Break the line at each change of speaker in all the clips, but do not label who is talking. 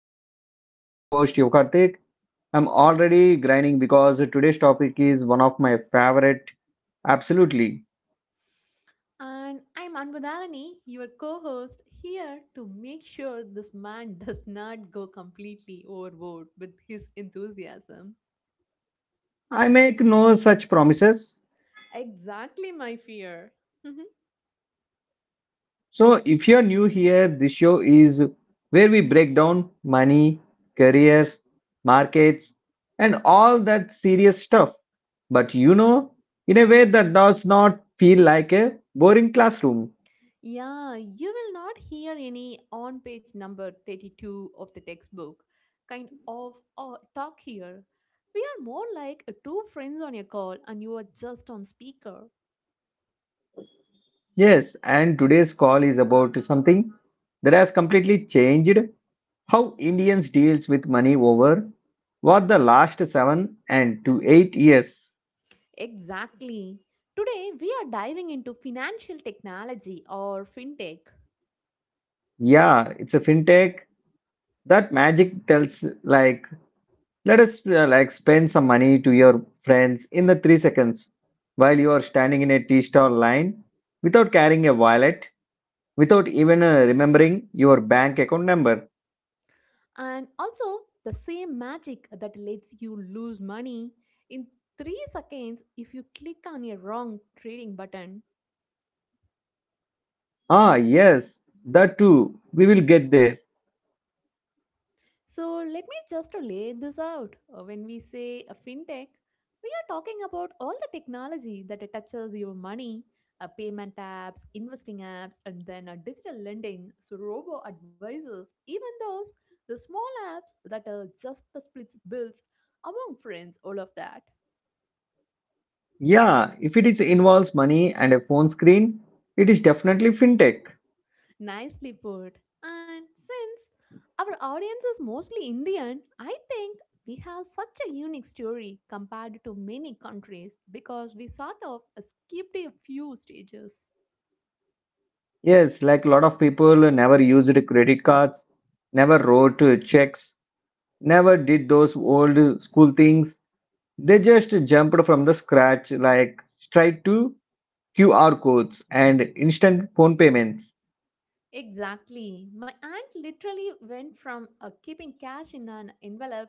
Podcast. I'm your host Yukartik. I'm already grinding because today's topic is one of my favorite. Absolutely.
And I'm Anbudharani, your co host, here to make sure this man does not go completely overboard with his enthusiasm.
I make no such promises.
Exactly my fear. Mhm.
So if you're new here, this show is where we break down money, careers, markets, and all that serious stuff. But in a way that does not feel like a boring classroom.
Yeah, you will not hear any on page number 32 of the textbook kind of talk here. We are more like two friends on a call and you are just on speaker.
Yes, and today's call is about something that has completely changed how Indians deals with money over what the last 7 and to 8 years.
Exactly. Today, we are diving into financial technology or fintech.
Yeah, it's a fintech that magic tells like let us like spend some money to your friends in the 3 seconds while you are standing in a tea stall line without carrying a wallet, without even remembering your bank account number.
And also, the same magic that lets you lose money in 3 seconds if you click on a wrong trading button.
Ah, yes, that too. We will get there.
So, let me just lay this out. When we say a fintech, we are talking about all the technology that touches your money, payment apps, investing apps, and then digital lending. So, robo advisors, even those, the small apps that just splits bills among friends, all of that.
Yeah, if it is involves money and a phone screen, it is definitely fintech.
Nicely put. And since our audience is mostly Indian, I think we have such a unique story compared to many countries because we sort of skipped a few stages.
Yes, like a lot of people never used credit cards, never wrote checks, never did those old school things. They just jumped from the scratch, like straight to QR codes and instant phone payments.
Exactly. My aunt literally went from keeping cash in an envelope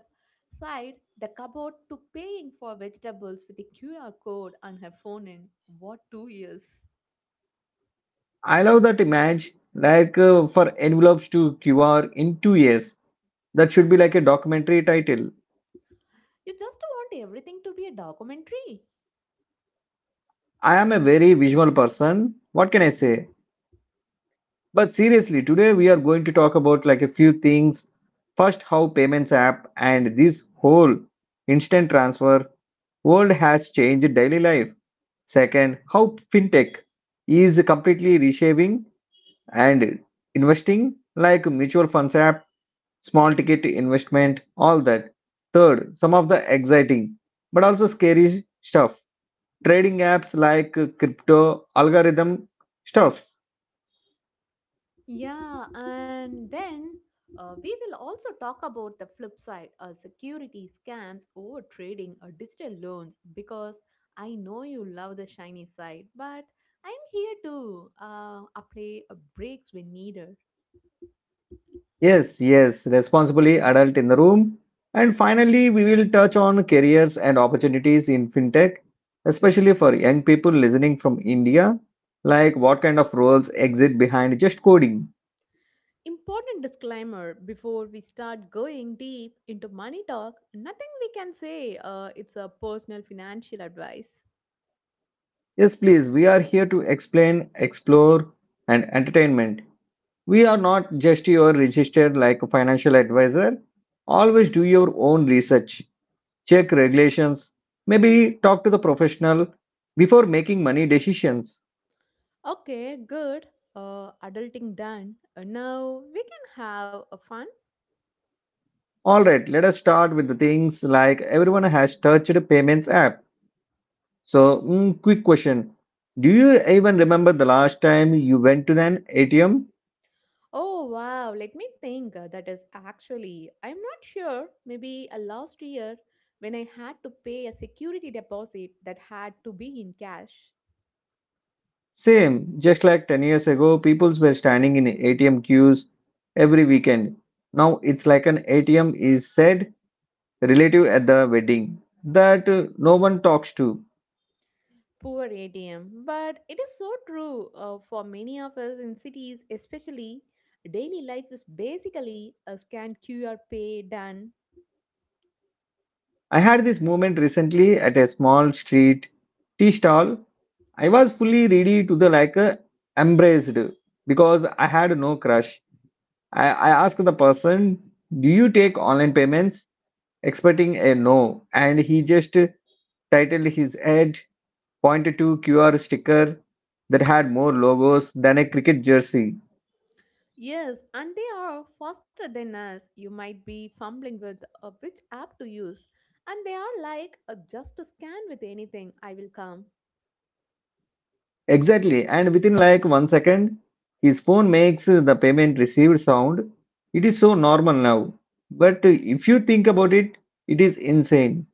side the cupboard to paying for vegetables with a QR code on her phone in what 2 years?
I love that image, like for envelopes to QR in 2 years. That should be like a documentary title.
You just want everything to be a documentary.
I am a very visual person. What can I say? But seriously, today we are going to talk about like a few things. First, how payments app and this whole instant transfer world has changed daily life. Second, how fintech is completely reshaping and investing like mutual funds app, small ticket investment, all that. Third, some of the exciting but also scary stuff. Trading apps like crypto algorithm stuffs.
Yeah, and then we will also talk about the flip side, security scams, overtrading, or digital loans because I know you love the shiny side, but I'm here to apply a breaks when needed.
Yes, yes, responsibly adult in the room. And finally, we will touch on careers and opportunities in fintech, especially for young people listening from India. Like what kind of roles exist behind just coding?
Important disclaimer before we start going deep into money talk, nothing we can say it's a personal financial advice.
Yes, please, we are here to explain, explore, and entertainment. We are not just your registered like financial advisor. Always do your own research, check regulations, maybe talk to the professional before making money decisions.
Okay, good. Adulting done. Now we can have a fun.
All right, let us start with the things like everyone has touched a payments app. So, quick question. Do you even remember the last time you went to an ATM?
Oh wow, let me think. That is actually, I'm not sure. Maybe a last year when I had to pay a security deposit that had to be in cash.
Same, just like 10 years ago, people were standing in ATM queues every weekend. Now it's like an ATM is said relative at the wedding that no one talks to.
Poor ATM. But it is so true for many of us in cities, especially. Daily life is basically a scan QR pay done.
I had this moment recently at a small street tea stall. I was fully ready to the like embraced because I had no crush. I asked the person, "Do you take online payments?" expecting a no, and he just titled his ad, pointed to QR sticker that had more logos than a cricket jersey.
Yes, and they are faster than us. You might be fumbling with which app to use, and they are like just to scan with anything, I will come.
Exactly, and within like 1 second, his phone makes the payment received sound. It is so normal now, but if you think about it, it is insane.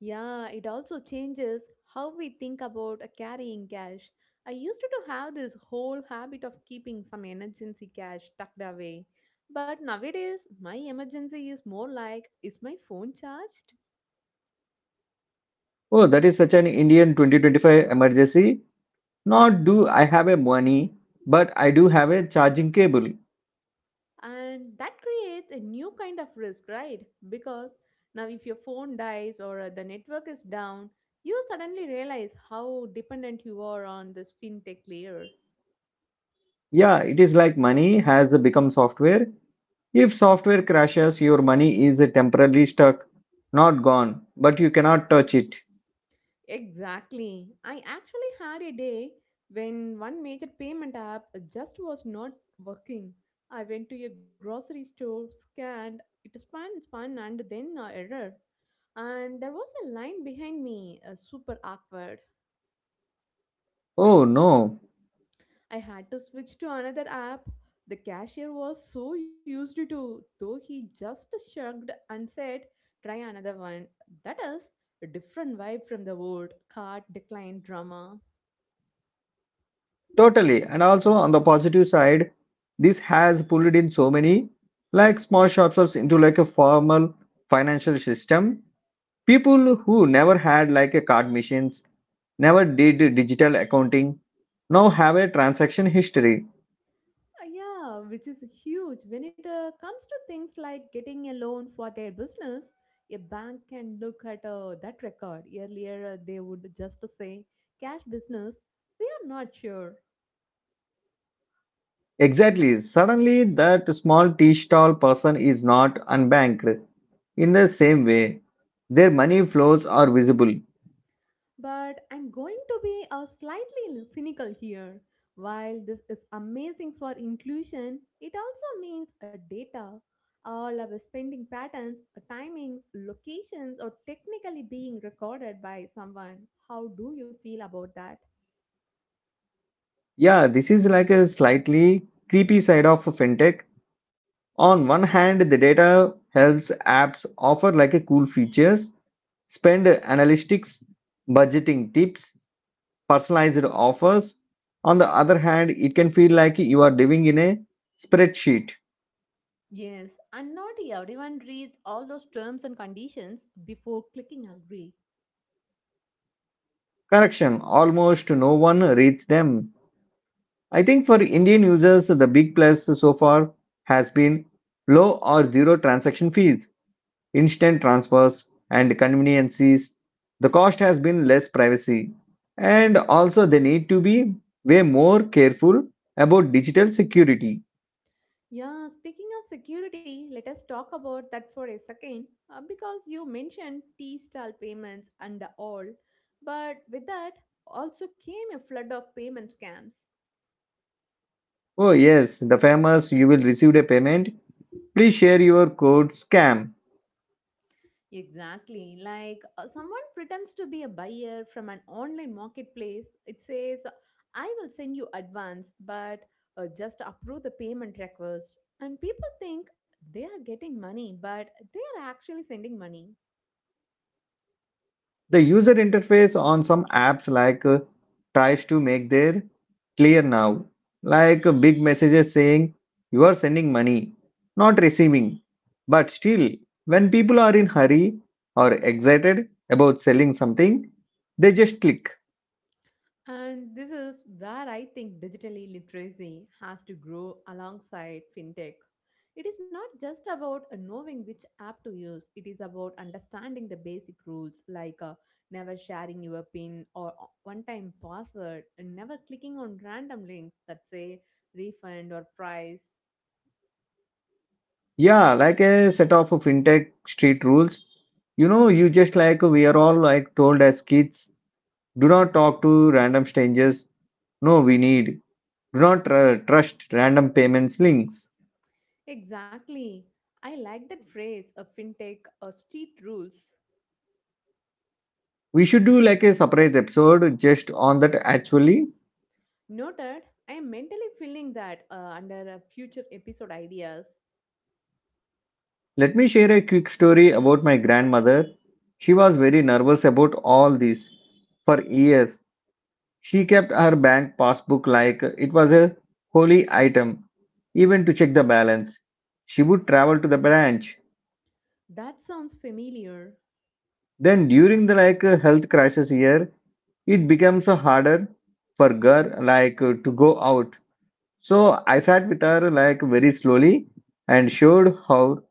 Yeah, it also changes how we think about carrying cash. I used to do have this whole habit of keeping some emergency cash tucked away, but nowadays my emergency is more like is my phone charged?
Oh, that is such an Indian 2025 emergency. Not do I have a money, but I do have a charging cable.
And that creates a new kind of risk, right? Because now if your phone dies or the network is down, you suddenly realize how dependent you are on this fintech layer.
Yeah, it is like money has become software. If software crashes, your money is temporarily stuck, not gone, but you cannot touch it.
Exactly, I actually had a day when one major payment app just was not working. I went to a grocery store, scanned it, spun and then error, and there was a line behind me, super awkward.
Oh no,
I had to switch to another app. The cashier was so used to, though, he just shrugged and said, try another one. That is a different vibe from the old cart decline drama.
totally. And also on the positive side, this has pulled in so many like small shops into like a formal financial system. People who never had like a card machines, never did digital accounting, now have a transaction history.
Yeah, which is huge when it comes to things like getting a loan for their business. A bank can look at that record. Earlier, they would just say, cash business, we are not sure.
Exactly, suddenly that small tea stall person is not unbanked. In the same way, their money flows are visible.
But I'm going to be slightly cynical here. While this is amazing for inclusion, it also means a data. All our spending patterns, timings, locations are technically being recorded by someone. How do you feel about that?
Yeah, this is like a slightly creepy side of fintech. On one hand, the data helps apps offer like a cool features, spend analytics, budgeting tips, personalized offers. On the other hand, it can feel like you are living in a spreadsheet.
Yes, and not everyone reads all those terms and conditions before clicking agree.
Correction, almost no one reads them. I think for Indian users, the big plus so far has been low or zero transaction fees, instant transfers, and conveniences. The cost has been less privacy. And also, they need to be way more careful about digital security.
Yeah, speaking of security, let us talk about that for a second because you mentioned T style payments and all, but with that also came a flood of payment scams.
Oh, yes, the famous you will receive a payment, please share your code SCAM.
Exactly. Like someone pretends to be a buyer from an online marketplace. It says, I will send you advance, but just approve the payment request. And people think they are getting money, but they are actually sending money.
The user interface on some apps like tries to make their clear now, like big messages saying you are sending money, not receiving. But still, when people are in hurry or excited about selling something, they just click.
And this is where I think digitally literacy has to grow alongside fintech. It is not just about knowing which app to use, it is about understanding the basic rules like never sharing your PIN or one time password, and never clicking on random links that say refund or price.
Yeah, like a set of fintech street rules. You just like we are all like told as kids, do not talk to random strangers. No, we need do not trust random payments links.
Exactly. I like that phrase of fintech or street rules.
We should do like a separate episode just on that actually.
Noted, I am mentally feeling that under a future episode ideas.
Let me share a quick story about my grandmother. She was very nervous about all this. For years, she kept her bank passbook like it was a holy item, even to check the balance. She would travel to the branch.
That sounds familiar.
Then during the like health crisis year, it becomes harder for girl like to go out. So I sat with her like very slowly and showed how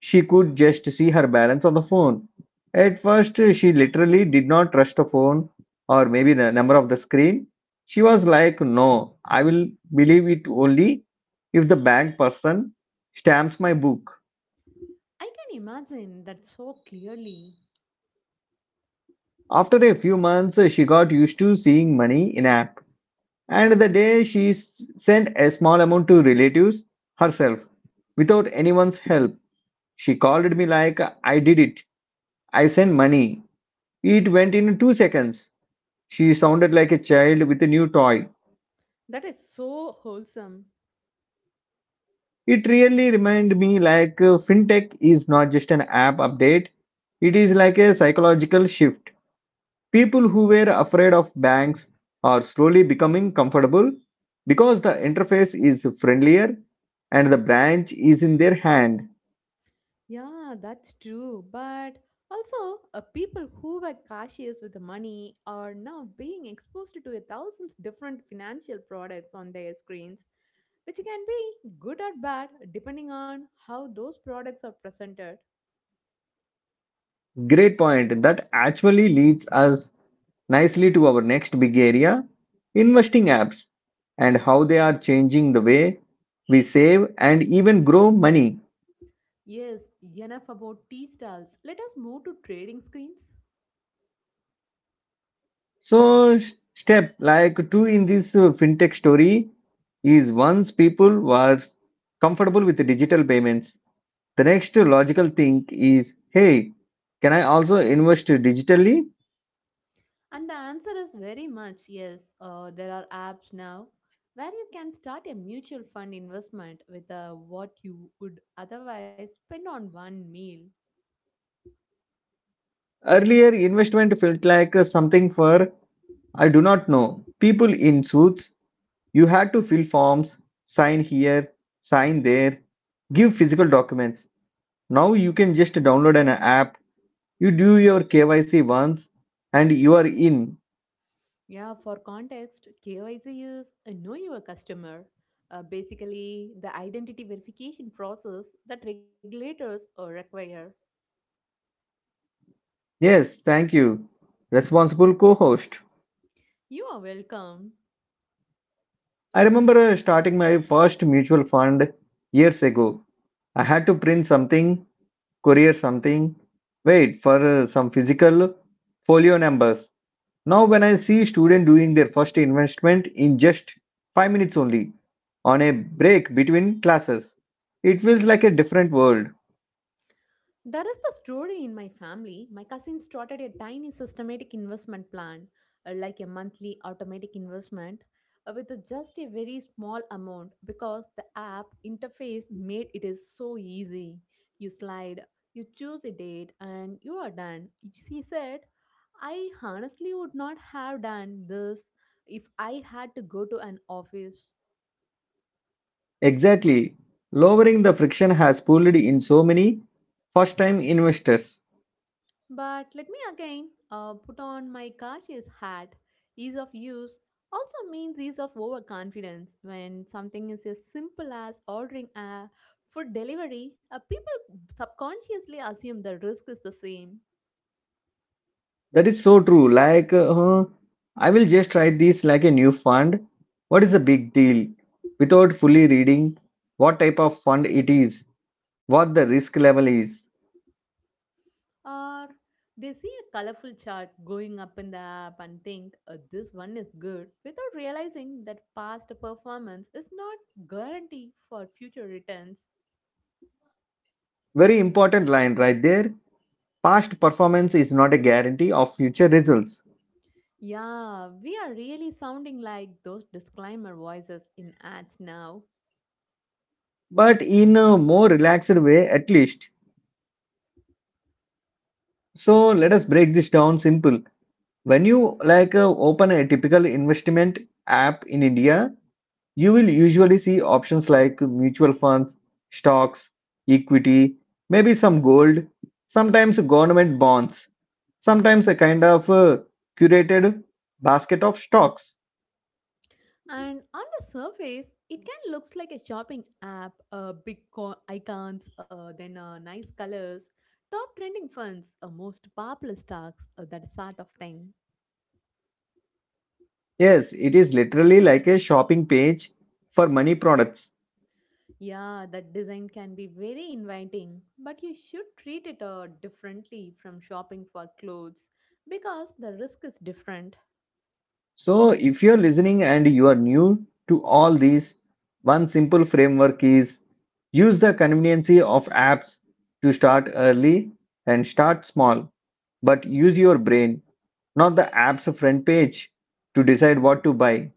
she could just see her balance on the phone. At first, she literally did not trust the phone or maybe the number of the screen. She was like, no, I will believe it only if the bank person stamps my book.
I can imagine that so clearly.
After a few months, she got used to seeing money in app. And the day sent a small amount to relatives herself without anyone's help, she called me like, I did it. I sent money. It went in 2 seconds. She sounded like a child with a new toy.
That is so wholesome.
It really reminded me like fintech is not just an app update, it is like a psychological shift. People who were afraid of banks are slowly becoming comfortable because the interface is friendlier and the branch is in their hand.
Yeah, that's true. But also, people who were cautious with the money are now being exposed to a thousand different financial products on their screens, which can be good or bad depending on how those products are presented.
Great point. That actually leads us nicely to our next big area, investing apps and how they are changing the way we save and even grow money.
Yes, enough about tea stalls. Let us move to trading screens.
So, step like two in this fintech story is once people were comfortable with the digital payments, the next logical thing is hey, can I also invest digitally?
And the answer is very much yes. There are apps now where you can start a mutual fund investment with what you would otherwise spend on one meal.
Earlier, investment felt like something for I do not know people in suits. You had to fill forms, sign here, sign there, give physical documents. Now you can just download an app, you do your KYC once, and you are in.
Yeah, for context, KYC is a Know Your Customer, basically the identity verification process that regulators require.
Yes, thank you. Responsible co host.
You are welcome.
I remember starting my first mutual fund years ago. I had to print something, courier something, wait for some physical folio numbers. Now, when I see student doing their first investment in just 5 minutes only, on a break between classes, it feels like a different world.
There is the story in my family. My cousin started a tiny systematic investment plan, like a monthly automatic investment, just a very small amount because the app interface made it is so easy. You slide, you choose a date, and you are done. She said, I honestly would not have done this if I had to go to an office.
Exactly. Lowering the friction has pulled in so many first time investors.
But let me again put on my cautious hat. Ease of use also means ease of overconfidence. When something is as simple as ordering a food delivery, people subconsciously assume the risk is the same.
That is so true. Like, I will just try this like a new fund. What is the big deal? Without fully reading what type of fund it is, what the risk level is.
Or they see a colorful chart going up in the app and think this one is good without realizing that past performance is not guarantee for future returns.
Very important line right there. Past performance is not a guarantee of future results,
Yeah, we are really sounding like those disclaimer voices in ads now.
but in a more relaxed way at least. So let us break this down simple. When you like open a typical investment app in India, you will usually see options like mutual funds, stocks, equity, maybe some gold, sometimes government bonds, sometimes a kind of curated basket of stocks.
And on the surface, it kind of looks like a shopping app, icons, then nice colors, top trending funds, most popular stocks, that sort of thing.
Yes, it is literally like a shopping page for money products.
Yeah, that design can be very inviting, but you should treat it differently from shopping for clothes because the risk is different.
So, if you're listening and you are new to all these, one simple framework is use the conveniency of apps to start early and start small, but use your brain, not the app's front page, to decide what to buy.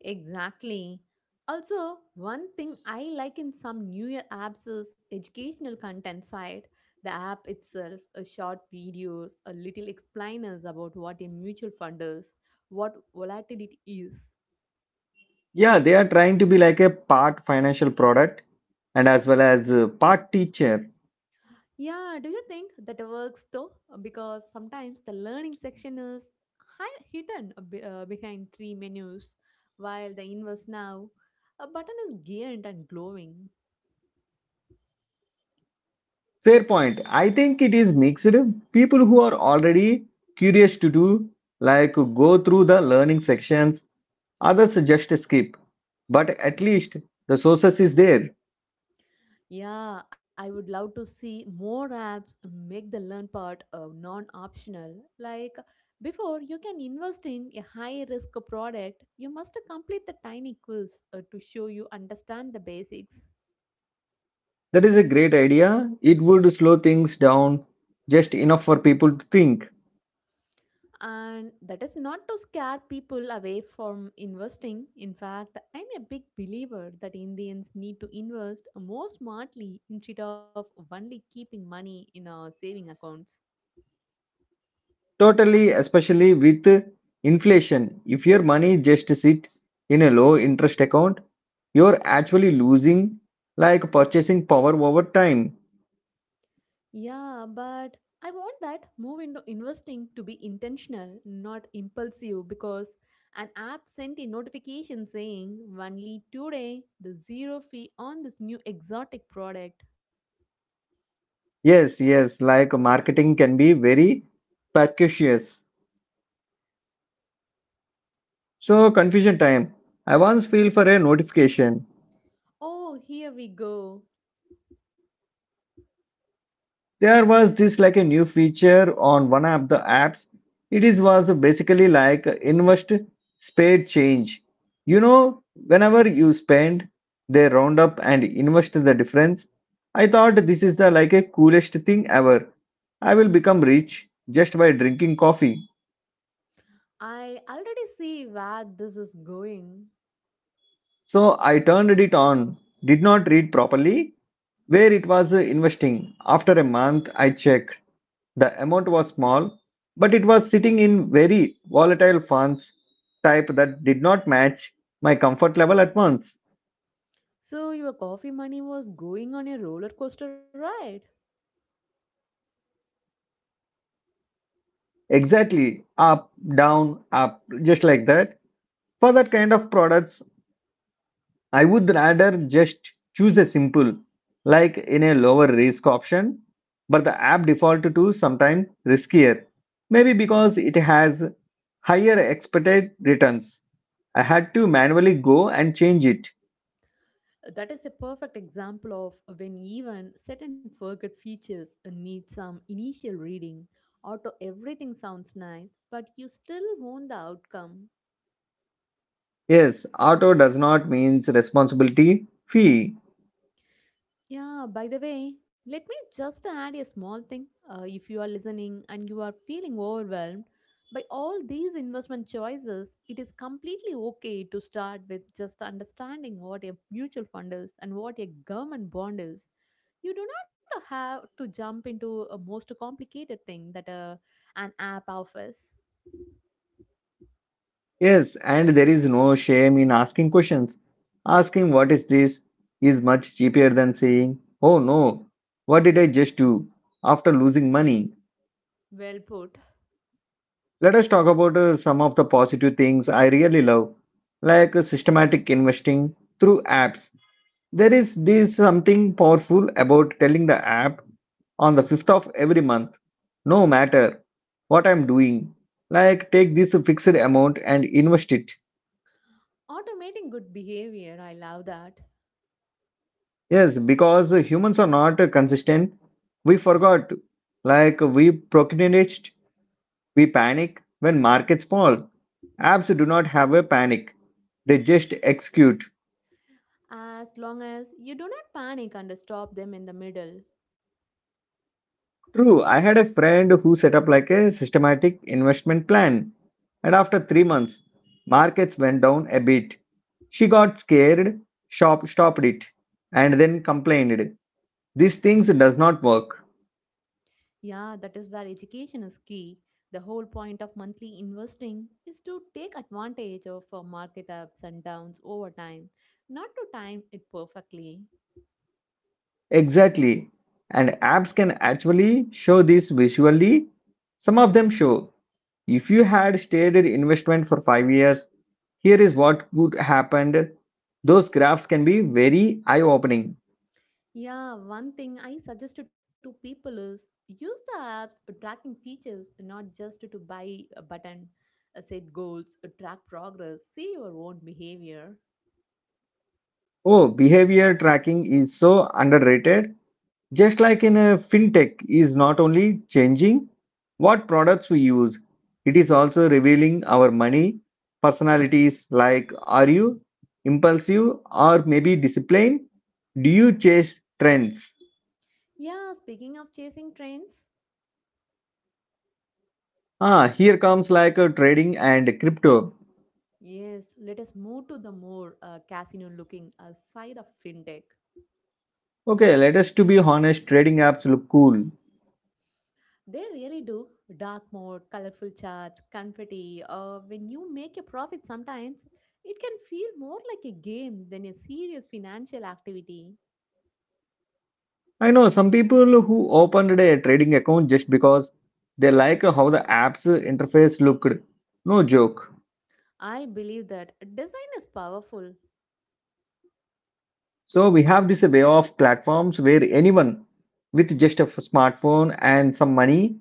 Exactly. Also, one thing I like in some New Year apps is educational content side. The app itself, a short videos, a little explainers about what a mutual fund is, what volatility is.
Yeah, they are trying to be like a part financial product and as well as part teacher.
Yeah, do you think that works though? Because sometimes the learning section is hidden a behind three menus, while the inverse now, a button is giant and glowing.
Fair point. I think it is mixed. People who are already curious to do, like go through the learning sections. Others just skip. But at least the sources is there.
Yeah, I would love to see more apps make the learn part non optional. Like before you can invest in a high risk product, you must complete the tiny quiz to show you understand the basics.
That is a great idea. It would slow things down just enough for people to think.
And that is not to scare people away from investing. In fact, I'm a big believer that Indians need to invest more smartly instead of only keeping money in our saving accounts.
Totally, especially with inflation. If your money just sit in a low interest account, you're actually losing like purchasing power over time.
Yeah, but I want that move into investing to be intentional, not impulsive, because an app sent a notification saying only today the zero fee on this new exotic product.
Yes, yes, like marketing can be very precocious. So confusion time. I once feel for a notification.
Oh, here we go.
There was this like a new feature on one of the apps. It is was basically like invest spade change. You know, whenever you spend, they round up and invest the difference. I thought this is the like a coolest thing ever. I will become rich just by drinking coffee.
I already see where this is going.
So I turned it on, did not read properly where it was investing. After a month, I checked. The amount was small, but it was sitting in very volatile funds type that did not match my comfort level at once.
So your coffee money was going on a roller coaster ride?
Exactly, up, down, up, just like that. For that kind of products, I would rather just choose a simple, like in a lower risk option, but the app default to sometimes riskier. Maybe because it has higher expected returns. I had to manually go and change it.
That is a perfect example of when even set and forget features need some initial reading. Auto everything sounds nice, but you still want the outcome.
Yes, auto does not means responsibility fee.
Yeah, by the way, let me just add a small thing. If you are listening and you are feeling overwhelmed by all these investment choices, it is completely okay to start with just understanding what a mutual fund is and what a government bond is. You do not have to jump into a most complicated thing that and app offers.
Yes, and there is no shame in asking questions. Asking what is this is much cheaper than saying, oh no, what did I just do after losing money?
Well put.
Let us talk about some of the positive things I really love, like systematic investing through apps. There is this something powerful about telling the app on the 5th of every month, no matter what I'm doing, like take this fixed amount and invest it.
Automating good behavior, I love that.
Yes, because humans are not consistent. We forgot, like we procrastinate, we panic when markets fall. Apps do not have a panic, they just execute.
As long as you do not panic and stop them in the middle.
True, I had a friend who set up like a systematic investment plan, and after 3 months, markets went down a bit. She got scared, shop stopped it, and then complained. These things does not work.
Yeah, that is where education is key. The whole point of monthly investing is to take advantage of market ups and downs over time, not to time it perfectly.
Exactly. And apps can actually show this visually. Some of them show. If you had stayed in investment for 5 years, here is what would happen. Those graphs can be very eye-opening.
Yeah, one thing I suggest to people is use the app's tracking features, not just to buy a button, set goals, track progress, see your own behavior.
Oh, behavior tracking is so underrated. Just like in a fintech is not only changing what products we use, it is also revealing our money personalities like are you impulsive or maybe disciplined? Do you chase trends?
Yeah, speaking of chasing trends,
Ah, here comes like a trading and crypto.
yes, let us move to the more casino looking side of fintech.
Okay, let us to be honest, trading apps look cool.
They really do dark mode, colorful charts, confetti. When you make a profit, sometimes it can feel more like a game than a serious financial activity.
I know some people who opened a trading account just because they like how the app's interface looked. No joke.
I believe that design is powerful.
So we have this way of platforms where anyone with just a smartphone and some money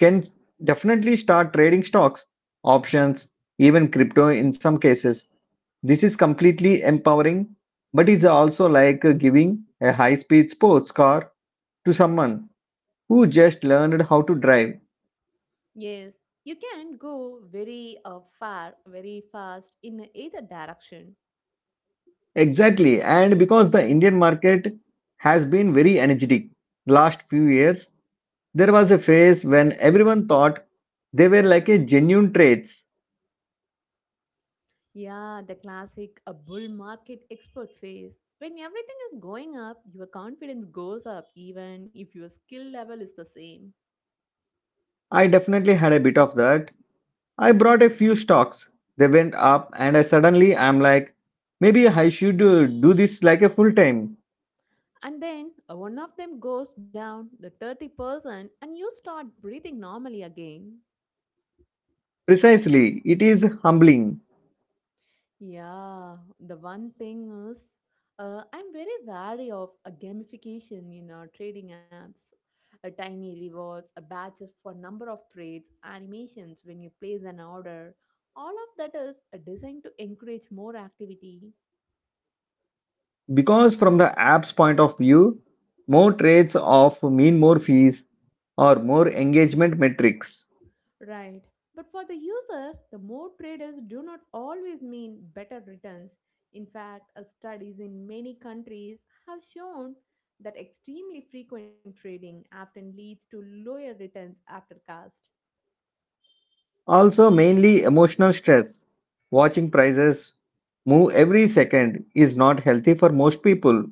can definitely start trading stocks, options, even crypto in some cases. This is completely empowering, but it's also like giving a high-speed sports car to someone who just learned how to drive.
Yes, you can go very far, very fast in either direction.
Exactly. And because the Indian market has been very energetic the last few years, there was a phase when everyone thought they were like a genuine trades.
Yeah, the classic a bull market expert phase. When everything is going up, your confidence goes up even if your skill level is the same.
I definitely had a bit of that. I brought a few stocks. They went up and I suddenly I'm like, maybe I should do this like a full time.
And then one of them goes down, the 30%, and you start breathing normally again.
Precisely. It is humbling
Yeah, the one thing is, I'm very wary of a gamification in our trading apps. A tiny rewards, a badges for number of trades, animations when you place an order. All of that is designed to encourage more activity.
because from the app's point of view, more trades of mean more fees or more engagement metrics.
Right. But for the user, the more traders do not always mean better returns. In fact, studies in many countries have shown that extremely frequent trading often leads to lower returns after cost.
Also, mainly emotional stress. Watching prices move every second is not healthy for most people.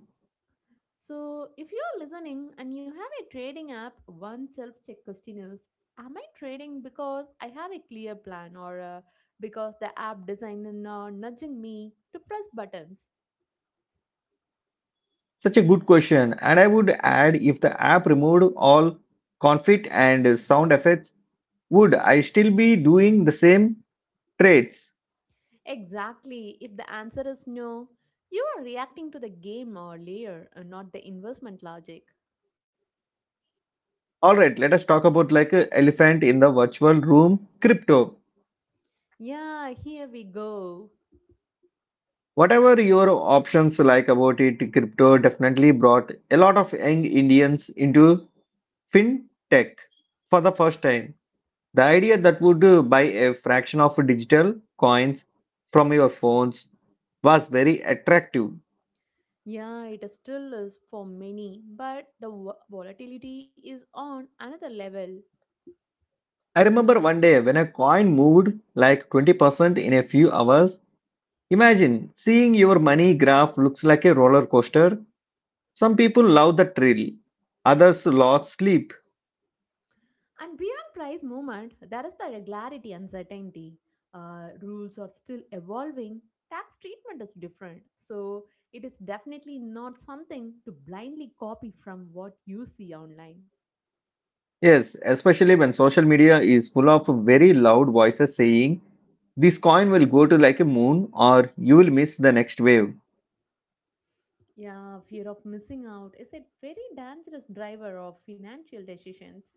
So, if you are listening and you have a trading app, one self check question is, am I trading because I have a clear plan or because the app designer is nudging me to press buttons?
Such a good question. And I would add if the app removed all conflict and sound effects, would I still be doing the same trades?
Exactly. If the answer is no, you are reacting to the game or layer, and not the investment logic.
All right, let us talk about like a elephant in the virtual room, crypto.
Yeah, here we go.
Whatever your options like about it, crypto definitely brought a lot of young Indians into fintech for the first time. The idea that would buy a fraction of digital coins from your phones was very attractive.
Yeah, it still is for many, but the volatility is on another level.
I remember one day when a coin moved like 20% in a few hours. Imagine seeing your money graph looks like a roller coaster. Some people love the thrill, others lost sleep.
And beyond price movement, there is the regularity uncertainty. Rules are still evolving. Tax treatment is different. So it is definitely not something to blindly copy from what you see online.
Yes, especially when social media is full of very loud voices saying, this coin will go to like a moon, or you will miss the next wave.
Yeah, fear of missing out is a very dangerous driver of financial decisions.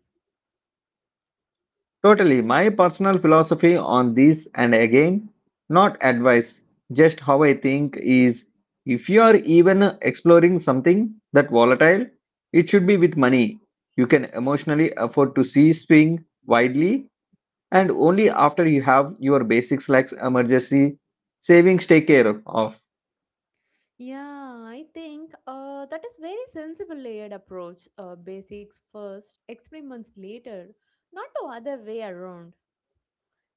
Totally, my personal philosophy on this, and again, not advice, just how I think is if you are even exploring something that volatile, it should be with money. You can emotionally afford to see swing widely and only after you have your basics like emergency savings take care of.
Yeah, I think that is very sensible layered approach. Basics first, experiments later, not the other way around.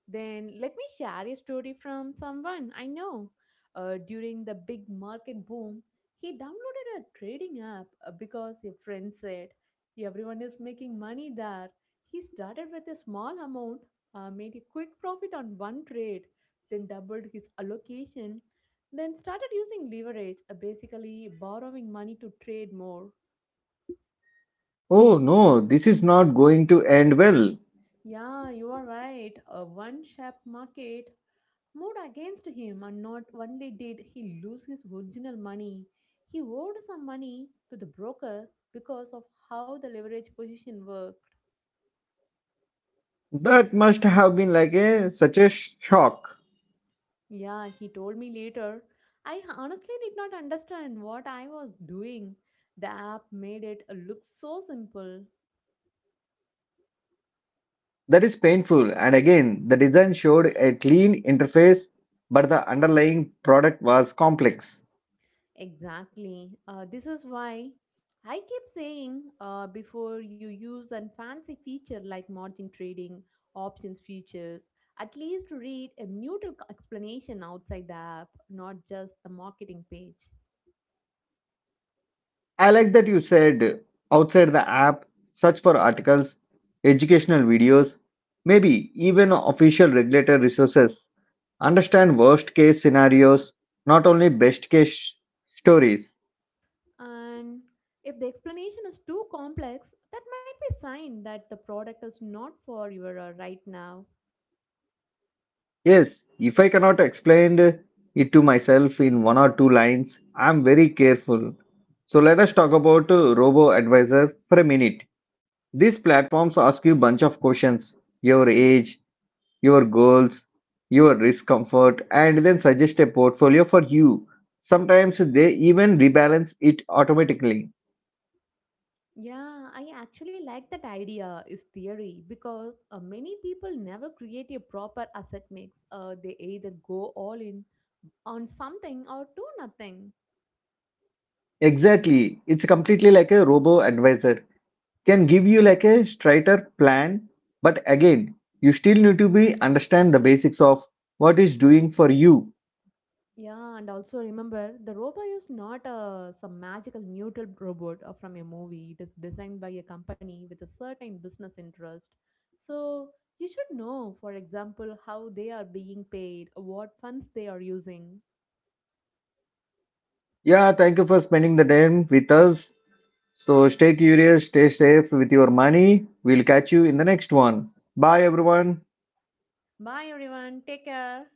Then let me share a story from someone I know. During the big market boom, he downloaded a trading app because a friend said everyone is making money there. He started with a small amount, made a quick profit on one trade, then doubled his allocation, then started using leverage, basically borrowing money to trade more.
Oh no, this is not going to end well.
Yeah, you are right. A one sharp market moved against him, and not only did he lose his original money, he owed some money to the broker because of how the leverage position worked.
That must have been like a such a shock.
Yeah, he told me later. I honestly did not understand what I was doing. The app made it look so simple.
That is painful, and again, the design showed a clean interface, but the underlying product was complex.
Exactly. This is why I keep saying before you use a fancy feature like margin trading, options futures, at least read a neutral explanation outside the app, not just the marketing page.
I like that you said outside the app, search for articles, educational videos, maybe even official regulator resources. Understand worst case scenarios, not only best case stories.
And if the explanation is too complex, that might be a sign that the product is not for you right now.
Yes, if I cannot explain it to myself in one or two lines, I'm very careful. So let us talk about Robo Advisor for a minute. These platforms ask you a bunch of questions, your age, your goals, your risk comfort, and then suggest a portfolio for you. Sometimes they even rebalance it automatically.
Yeah, I actually like that idea is theory because many people never create a proper asset mix. They either go all in on something or do nothing.
Exactly, it's completely like a robo advisor can give you like a straighter plan, but again, you still need to be understand the basics of what is doing for you.
Yeah, and also remember the robot is not some magical neutral robot from a movie. It is designed by a company with a certain business interest. So you should know, for example, how they are being paid, what funds they are using.
Yeah, thank you for spending the time with us. So stay curious, stay safe with your money. We'll catch you in the next one. Bye everyone.
Bye everyone, take care.